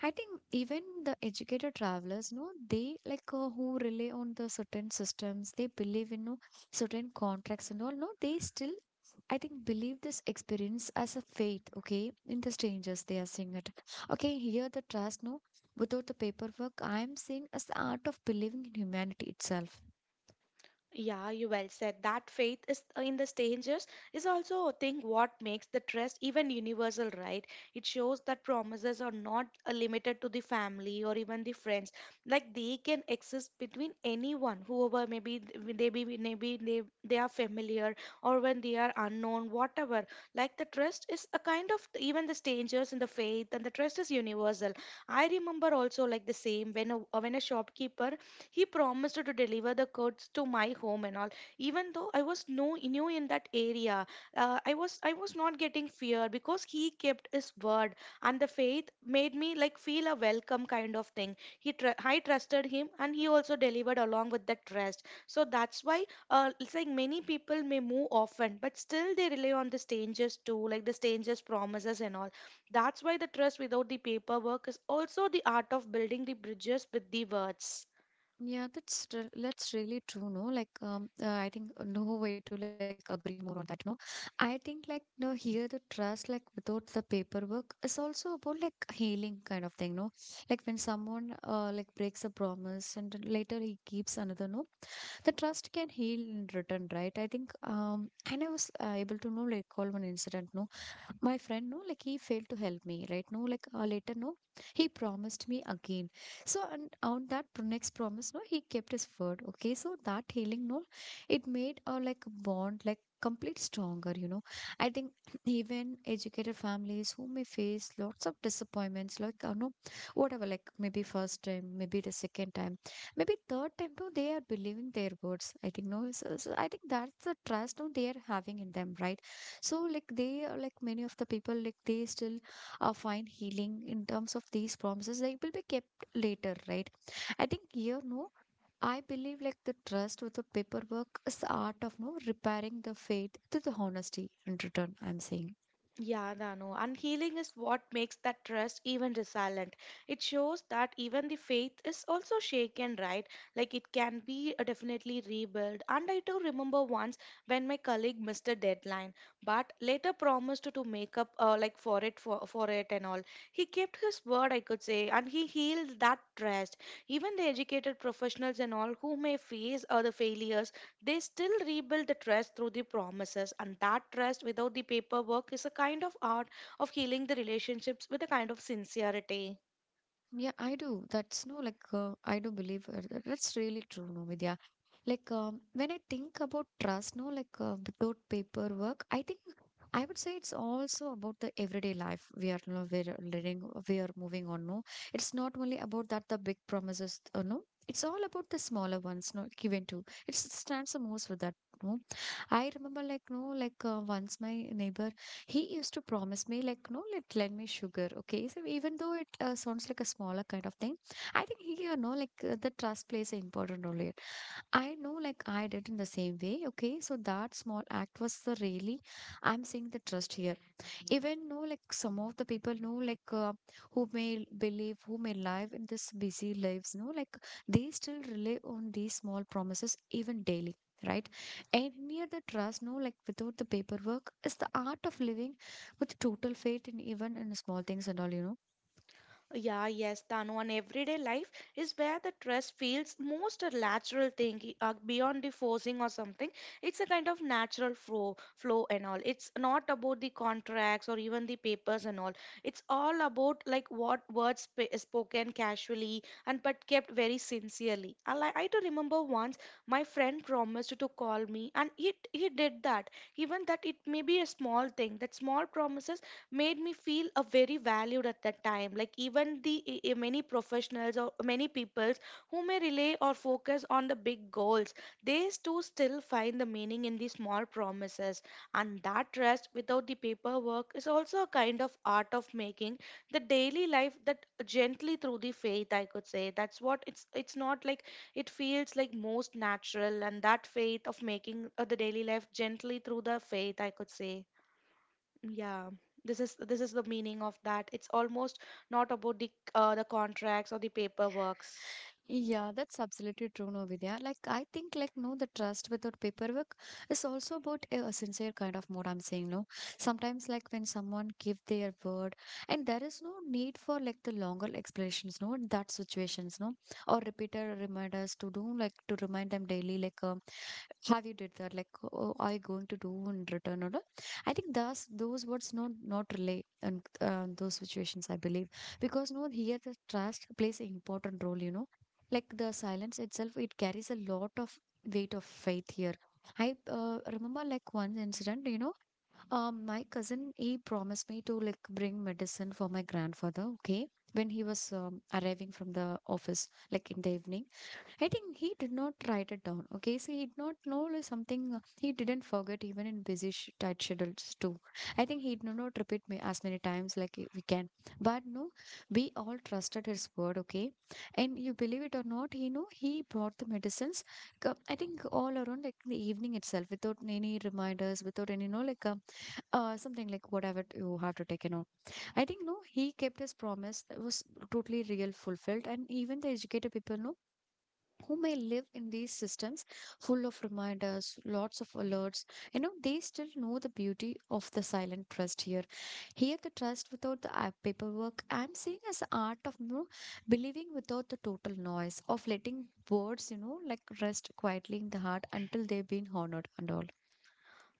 I think even the educated travelers, no, they like who rely on the certain systems, they believe in no, certain contracts and all, no, they still, I think, believe this experience as a faith, okay, in the strangers they are seeing it. Okay, here the trust, no, without the paperwork, I am seeing as the art of believing in humanity itself. Yeah, you well said. That faith is in the strangers is also, I think, what makes the trust even universal, right? It shows that promises are not limited to the family or even the friends. Like they can exist between anyone, whoever maybe they be, maybe they are familiar or when they are unknown, whatever. Like the trust is a kind of even the strangers in the faith, and the trust is universal. I remember also like the same when a shopkeeper he promised to deliver the goods to my home and all. Even though I was no new in that area, I was not getting fear because he kept his word, and the faith made me like feel a welcome kind of thing. He I trusted him, and he also delivered along with that trust. So that's why it's like many people may move often, but still they rely on the strangers too, like the strangers' promises and all. That's why the trust without the paperwork is also the art of building the bridges with the words. Yeah, that's really true, no? Like, I think no way to like agree more on that, no? I think like no, here the trust like without the paperwork is also about like healing kind of thing, no? Like when someone like breaks a promise and then later he keeps another, no? The trust can heal in return, right? I think and I was able to know like all one incident, no? My friend, no, like he failed to help me, right? No, like later, no, he promised me again. So, and on that next promise, no, he kept his word. Okay, so that healing, no, it made our like bond like complete stronger. You know, I think even educated families who may face lots of disappointments, like no, whatever, like maybe first time, maybe the second time, maybe third time, no, they are believing their words. I think no, so I think that's the trust no they are having in them, right? So like they are like many of the people like they still find healing in terms of these promises. They will be kept later, right? I think here no. I believe like the trust with the paperwork is the art of no repairing the faith to the honesty in return. I'm saying. Yeah, Danu. And healing is what makes that trust even resilient. It shows that even the faith is also shaken, right? Like it can be definitely rebuilt. And I do remember once when my colleague missed a deadline, but later promised to make up like for it, for it and all. He kept his word, I could say, and he healed that trust. Even the educated professionals and all who may face other failures, they still rebuild the trust through the promises, and that trust without the paperwork is a kind of art of healing the relationships with a kind of sincerity. Yeah, I do. That's no like I do believe that's really true, no, Vidya. Like when I think about trust, no, like without paperwork, I think I would say it's also about the everyday life we are no, we're living, we are moving on. No, it's not only about that the big promises, no. It's all about the smaller ones, not given to. It stands the most for that. No, I remember like no, like once my neighbor he used to promise me like no let lend me sugar. Okay, so even though it sounds like a smaller kind of thing, I think he, you know, like the trust plays an important role here. I know, like, I did in the same way. Okay, so that small act was the really, I'm seeing the trust here. Even know, like, some of the people know, like, who may believe, who may live in this busy lives, no, like, they still rely on these small promises even daily. Right, and near the trust, no, like without the paperwork, is the art of living with total faith in even in small things and all, you know. Yeah, yes, Tanu. And everyday life is where the trust feels most a natural thing, beyond the forcing or something. It's a kind of natural flow and all. It's not about the contracts or even the papers and all. It's all about like what words spoken casually and but kept very sincerely. I do remember once my friend promised to call me, and he did that. Even that it may be a small thing, that small promises made me feel a very valued at that time. Like even the many professionals or many peoples who may rely or focus on the big goals, they too still find the meaning in the small promises. And that trust without the paperwork is also a kind of art of making the daily life that gently through the faith, I could say. That's what it's not like, it feels like most natural. And that faith of making the daily life gently through the faith, I could say. Yeah, this is the meaning of that. It's almost not about the the contracts or the paperworks. Yeah, that's absolutely true, no, Vidya. Like, I think, like, no, the trust without paperwork is also about a sincere kind of mode. I'm saying, no. Sometimes, like, when someone give their word, and there is no need for like the longer explanations, no, in that situations, no, or repeated reminders to do, like, to remind them daily, like, have you did that? Like, oh, are you going to do in return or not? I think thus those words not relay in those situations. I believe because no, here the trust plays an important role, you know, like the silence itself it carries a lot of weight of faith here. I remember like one incident, you know. My cousin he promised me to like bring medicine for my grandfather. Okay, when he was arriving from the office like in the evening. I think he did not write it down. Okay, so he did not know like, something he didn't forget even in busy tight schedules too. I think he did not repeat me as many times like we can. But no, we all trusted his word. Okay, and you believe it or not, he know he brought the medicines. I think all around like in the evening itself, without any reminders, without any you know like something like whatever you have to take and all. I think no, he kept his promise. It was totally real, fulfilled, and even the educated people know who may live in these systems full of reminders, lots of alerts. You know, they still know the beauty of the silent trust here. Here, the trust without the app paperwork, I'm seeing as the art of you know, believing without the total noise, of letting words, you know, like rest quietly in the heart until they've been honored and all.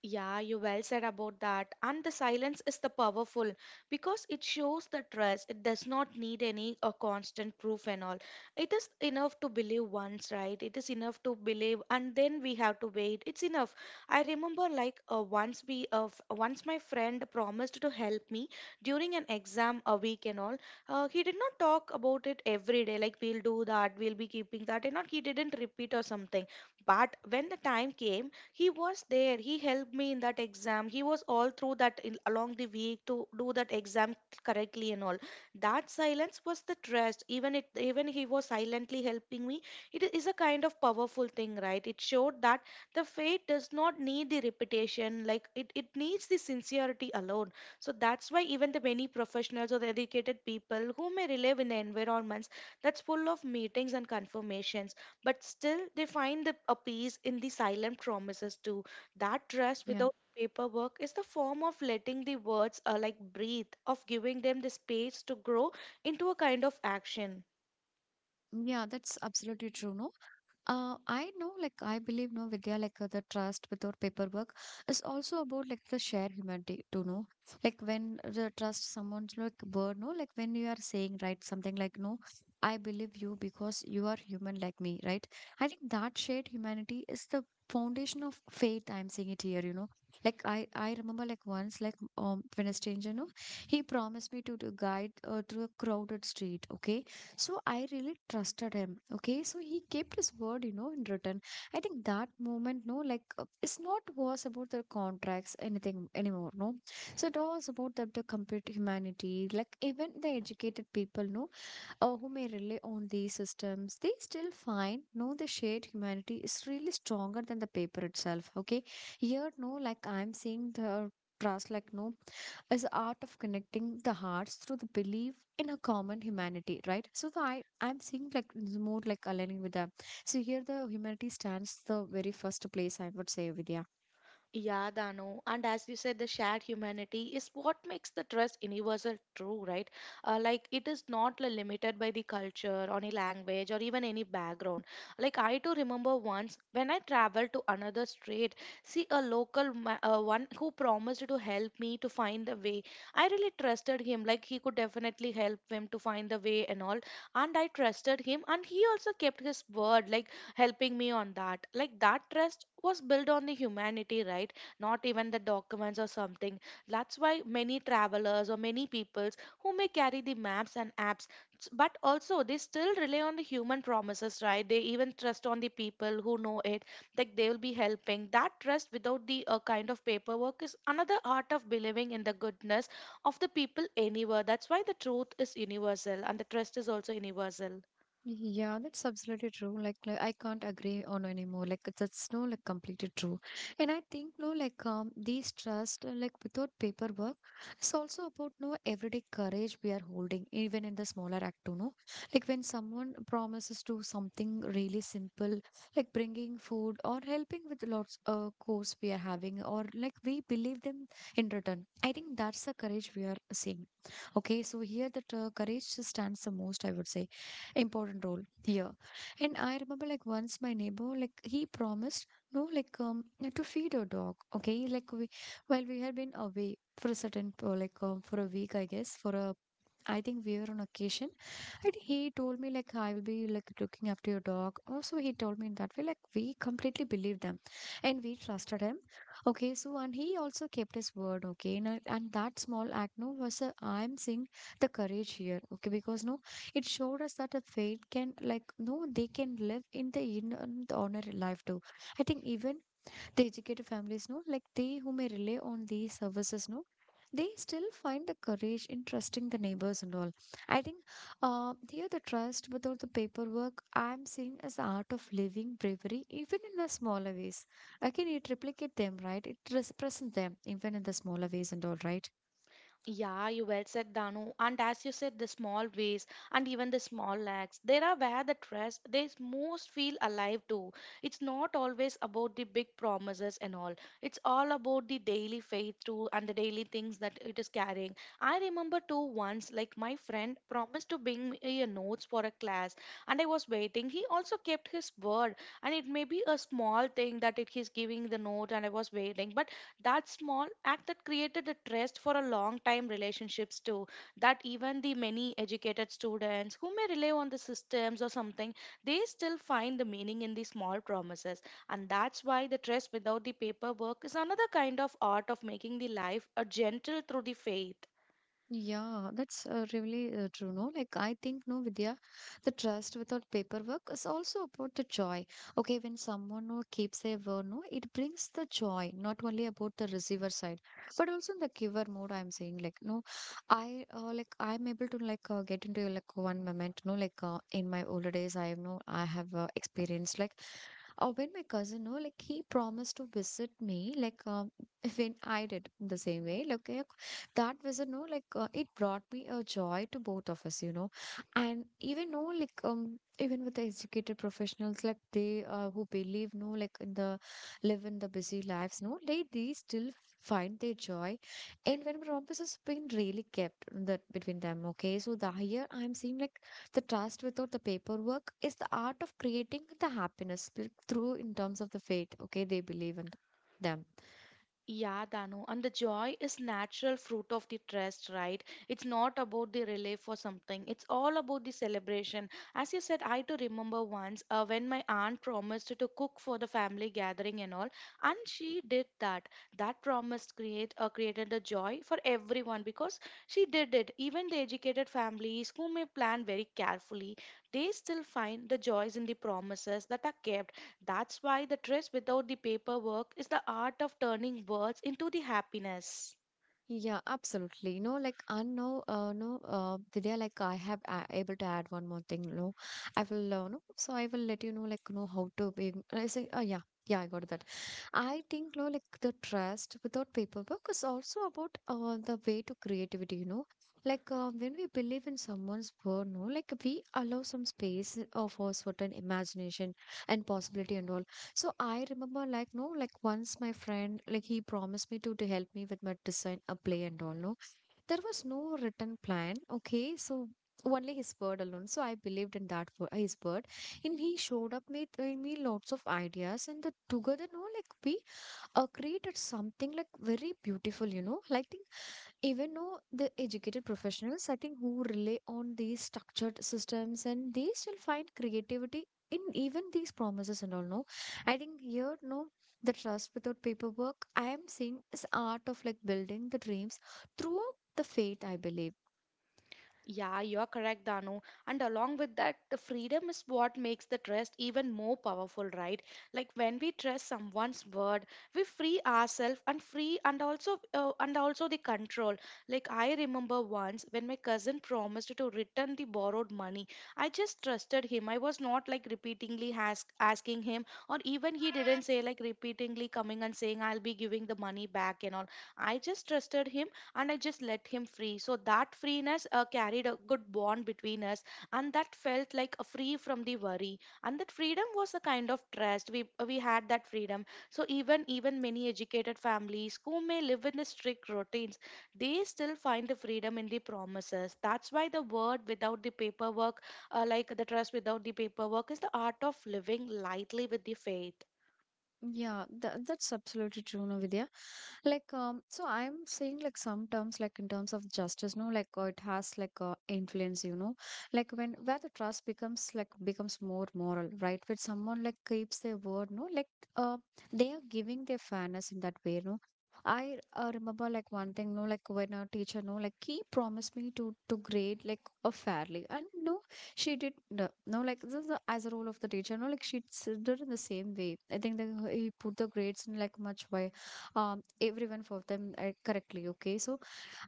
Yeah, you well said about that. And the silence is the powerful because it shows the trust. It does not need any constant proof and all. It is enough to believe once, right? It is enough to believe, and then we have to wait. It's enough. I remember like once my friend promised to help me during an exam a week and all. He did not talk about it every day, like we'll do that, we'll be keeping that, and not he didn't repeat or something. But when the time came, he was there, he helped me in that exam. He was all through that in, along the week to do that exam correctly and all. That silence was the trust. Even it, even he was silently helping me, it is a kind of powerful thing, right? It showed that the faith does not need the reputation. Like it needs the sincerity alone. So that's why even the many professionals or the educated people who may live in the environments that's full of meetings and confirmations, but still they find the, a peace in the silent promises too. That trust Yeah. without paperwork is the form of letting the words like breathe, of giving them the space to grow into a kind of action. Yeah, that's absolutely true. No, I know, like, I believe, no, Vidya, like, the trust without paperwork is also about, like, the shared humanity, to know. Like, when the trust someone's, like, word, no, like, when you are saying, right, something like, no, I believe you because you are human like me, right? I think that shared humanity is the foundation of faith. I'm saying it here, you know. Like, I remember, like, once, like, when a stranger, no, he promised me to guide through a crowded street, okay? So I really trusted him. Okay. So he kept his word, you know, in return. I think that moment, no, like it's not was about the contracts, anything anymore, no. So it was about the complete humanity. Like even the educated people, no, who may rely on these systems, they still find, no, the shared humanity is really stronger than the paper itself. Okay. Here, no, like I'm seeing the trust like no is the art of connecting the hearts through the belief in a common humanity, right? So the I I'm seeing like it's more like aligning with them. So here the humanity stands the very first place I would say, Vidya. Yeah, Dano. And as you said, the shared humanity is what makes the trust universal true, right? Like it is not limited by the culture, or any language, or even any background. Like I too remember once when I traveled to another state, see a local one who promised to help me to find the way. I really trusted him. Like he could definitely help him to find the way and all. And I trusted him, and he also kept his word, like helping me on that. Like that trust was built on the humanity, right? Not even the documents or something. That's why many travelers or many peoples who may carry the maps and apps, but also they still rely on the human promises, right? They even trust on the people who know it, like they will be helping. That trust without the kind of paperwork is another art of believing in the goodness of the people anywhere. That's why the truth is universal and the trust is also universal. Yeah, that's absolutely true. Like, I can't agree on anymore. Like that's no like completely true. And I think no like these trust like without paperwork, it's also about no everyday courage we are holding even in the smaller act too. No, like when someone promises to something really simple like bringing food or helping with lots of course we are having or like we believe them in return. I think that's the courage we are seeing. Okay, so here the courage stands the most, I would say important role here. And I remember like once my neighbor, like he promised no like to feed a dog. Okay, like we while we had been away for a certain like for a week I guess for a I think we were on occasion, and he told me like I will be like looking after your dog. Also, he told me in that way like we completely believed them, and we trusted him. Okay, so and he also kept his word. Okay, and that small act no was I'm seeing the courage here. Okay, because no, it showed us that a faith can like no they can live in the honor life too. I think even the educated families know like they who may rely on these services know they still find the courage in trusting the neighbors and all. I think here the trust without the paperwork I'm seeing as the art of living bravery even in the smaller ways. Again it replicate them, right, it represents them even in the smaller ways and all, right. Yeah, you well said, Danu. And as you said, the small ways and even the small lacks, there are where the trust they most feel alive too. It's not always about the big promises and all. It's all about the daily faith too and the daily things that it is carrying. I remember too once, like my friend promised to bring me a notes for a class, and I was waiting. He also kept his word, and it may be a small thing that it he's giving the note, and I was waiting, but that small act that created the trust for a long time relationships too. That even the many educated students who may rely on the systems or something, they still find the meaning in the small promises. And that's why the trust without the paperwork is another kind of art of making the life a gentle through the faith. Yeah, that's really true. No, like I think, no, Vidya, the trust without paperwork is also about the joy. Okay, when someone no, keeps their word, no, it brings the joy, not only about the receiver side, but also in the giver mode. I'm saying, like, no, I like I'm able to like get into like one moment, no, like in my older days, I know I have experienced like. Oh, when my cousin, no, like he promised to visit me, like when I did the same way. Like, okay, that was a no like it brought me a joy to both of us, you know. And even no like even with the educated professionals like they who believe no like in the live in the busy lives, no, they still find their joy. And when promises has been really kept that between them, okay, so the here I'm seeing like the trust without the paperwork is the art of creating the happiness like, through in terms of the faith, okay, they believe in them. Yeah, Danu, and the joy is natural fruit of the trust, right? It's not about the relief for something. It's all about the celebration. As you said, I too remember once when my aunt promised to cook for the family gathering and all, and she did that. That promise created a joy for everyone because she did it. Even the educated families who may plan very carefully, they still find the joys in the promises that are kept. That's why the dress without the paperwork is the art of turning words into the happiness. Yeah, absolutely. No, like I know, no, Divya, like I have a able to add one more thing. No, I will, no, so I will let you know, like, know how to be. I say, oh yeah, yeah, I got that. I think, no, like the trust without paperwork is also about the way to creativity, you know. Like when we believe in someone's word, no, like we allow some space for certain imagination and possibility and all. So I remember, like, no, like once my friend, like he promised me to help me with my design a play and all. No, there was no written plan. Okay, so only his word alone. So I believed in that word, his word and he showed up with me lots of ideas and the together no like we created something like very beautiful, you know, like think even though the educated professionals, I think, who rely on these structured systems and they still find creativity in even these promises and all no I think here no the trust without paperwork I am seeing is art of like building the dreams through the faith I believe. Yeah, you're correct, Danu. And along with that, the freedom is what makes the trust even more powerful, right? Like when we trust someone's word, we free ourselves and free and also the control. Like I remember once when my cousin promised to return the borrowed money, I just trusted him. I was not like repeatedly asking him, or even he didn't say like repeatedly coming and saying I'll be giving the money back and all. I just trusted him and I just let him free. So that freeness carried a good bond between us, and that felt like a free from the worry. And that freedom was a kind of trust. We had that freedom. So even many educated families who may live in a strict routines, they still find the freedom in the promises. That's why the word without the paperwork, like the trust without the paperwork, is the art of living lightly with the faith. Yeah, that's absolutely true, no, Vidya. Like so I'm saying like some terms like in terms of justice no like it has like influence, you know, like when where the trust becomes like becomes more moral, right? When someone like keeps their word no like uh they are giving their fairness in that way no. I remember like one thing, no, like when our teacher, no, like he promised me to grade like fairly, and no, she did no, no like this is the, as a role of the teacher, no, like she did in the same way. I think that he put the grades in like much way everyone for them correctly, okay, so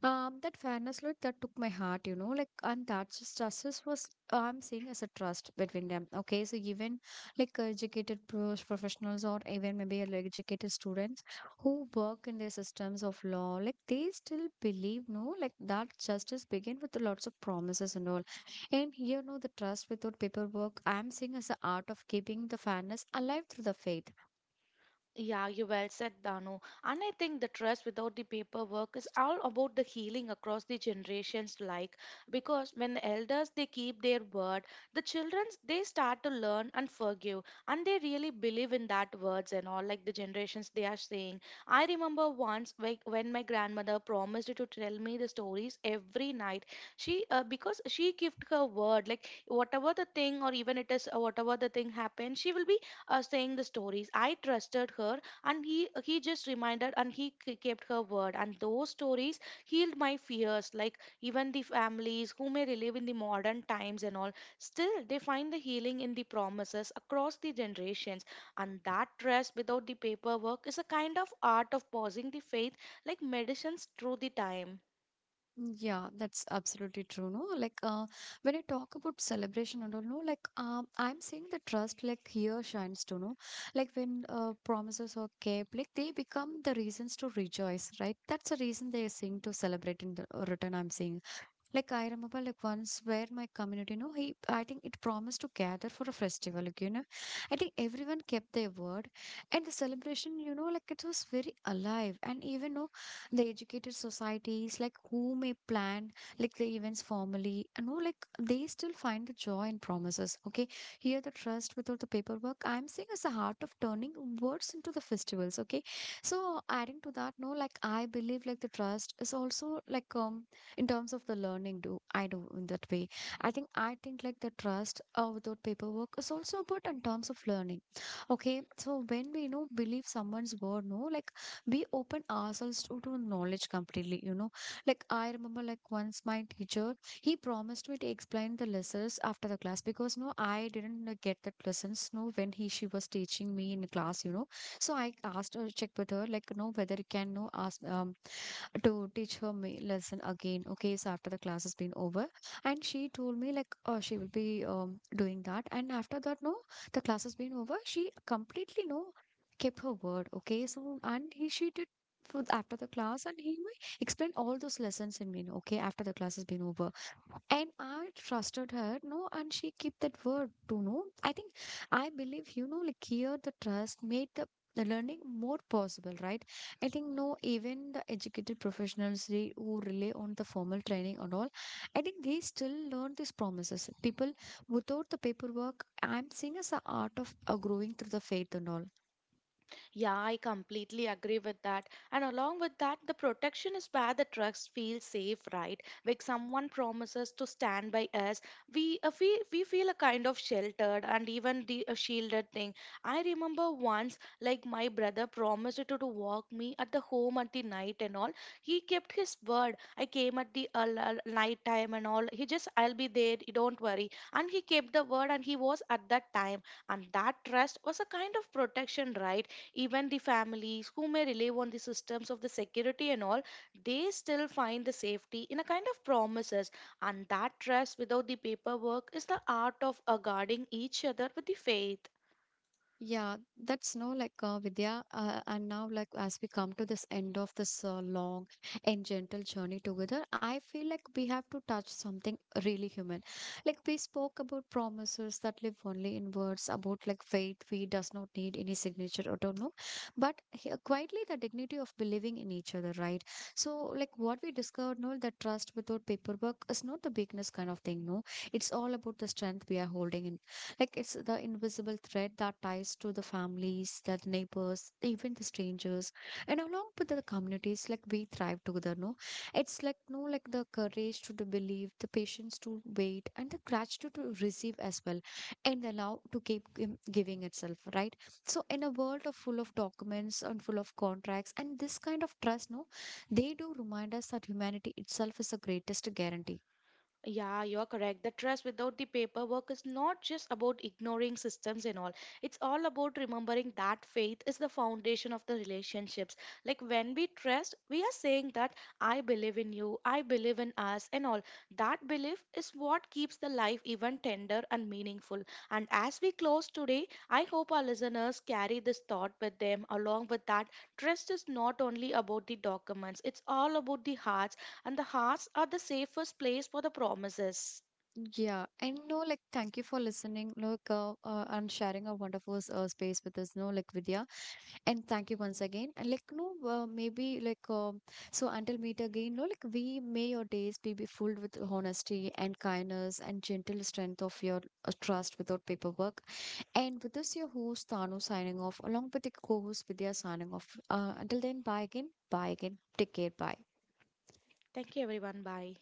that fairness like that took my heart, you know, like and that's just justice was I'm seeing as a trust between them, okay, so even like educated professionals or even maybe like educated students who work in their systems of law like they still believe no like that justice begin with lots of promises and all and here no the trust without paperwork I'm seeing as the art of keeping the fairness alive through the faith. Yeah, you well said, Dano. And I think the trust without the paperwork is all about the healing across the generations, like because when the elders they keep their word, the children they start to learn and forgive, and they really believe in that words and all like the generations they are saying. I remember once like when my grandmother promised to tell me the stories every night. She because she kept her word, like whatever the thing or even it is whatever the thing happened, she will be saying the stories. I trusted her, and he just reminded and he kept her word. And those stories healed my fears, like even the families who may live in the modern times and all. Still, they find the healing in the promises across the generations. And that trust without the paperwork is a kind of art of pausing the faith, like medicines through the time. Yeah, that's absolutely true. No, like when I talk about celebration and all, no, like I'm saying the trust like here shines to know, like when promises are kept, like they become the reasons to rejoice, right? That's the reason they are seeing to celebrate in the return, I'm saying. Like I remember like once where my community, you know, he I think it promised to gather for a festival, like, you know. I think everyone kept their word. And the celebration, you know, like it was very alive. And even though the educated societies, like who may plan like the events formally, and know, like they still find the joy in promises. Okay. Here the trust without the paperwork, I'm seeing as the heart of turning words into the festivals. Okay. So adding to that, no, like I believe like the trust is also like in terms of the learning do I do in that way. I think like the trust without paperwork is also about in terms of learning, okay, so when we, you know, believe someone's word no like we open ourselves to knowledge completely, you know, like I remember like once my teacher he promised me to explain the lessons after the class because no I didn't get that lessons no when he she was teaching me in the class, you know, so I asked her check with her like no whether you can no ask to teach her me lesson again, okay, so after the class has been over and she told me like, oh she will be doing that and after that no the class has been over she completely no kept her word, okay, so and he she did for after the class and he explained all those lessons in me no, okay, after the class has been over and I trusted her, no, and she kept that word to know. I think I believe, you know, like here the trust made the learning more possible, right? I think no, even the educated professionals they, who rely on the formal training and all, I think they still learn these promises. People without the paperwork, I'm seeing as a art of growing through the faith and all. Yeah, I completely agree with that. And along with that, the protection is where the trust feels safe, right? Like someone promises to stand by us, we feel a kind of sheltered and even the shielded thing. I remember once, like my brother promised to walk me at the home at the night and all. He kept his word. I came at the night time and all. He just I'll be there. You don't worry. And he kept the word, and he was at that time. And that trust was a kind of protection, right? Even the families who may rely on the systems of the security and all, they still find the safety in a kind of promises, and that trust without the paperwork is the art of guarding each other with the faith. Yeah, that's no like Vidya, and now like as we come to this end of this long and gentle journey together, I feel like we have to touch something really human. Like we spoke about promises that live only in words, about like faith we does not need any signature or don't know, but here, quietly the dignity of believing in each other, right? So like what we discovered, no, that trust without paperwork is not the weakness kind of thing, no. It's all about the strength we are holding in like it's the invisible thread that ties to the families, the neighbors, even the strangers, and along with the communities. Like we thrive together. No, it's like no, like the courage to believe, the patience to wait, and the gratitude to receive as well, and the love to keep giving itself. Right. So in a world of full of documents and full of contracts, and this kind of trust, no, they do remind us that humanity itself is the greatest guarantee. Yeah, you're correct. The trust without the paperwork is not just about ignoring systems and all. It's all about remembering that faith is the foundation of the relationships. Like when we trust, we are saying that I believe in you, I believe in us, and all. That belief is what keeps the life even tender and meaningful. And as we close today, I hope our listeners carry this thought with them along with that trust is not only about the documents, it's all about the heart and the hearts are the safest place for the promises. Yeah, and no, like, thank you for listening, look, and sharing a wonderful space with us, no, like, Vidya, and thank you once again, and like, no, maybe like, so until meet again, no, like, we may your days be filled with honesty and kindness and gentle strength of your trust without paperwork, and with this, your host Tanu signing off, along with the co-host Vidya signing off. Until then, bye again, take care, bye. Thank you, everyone. Bye.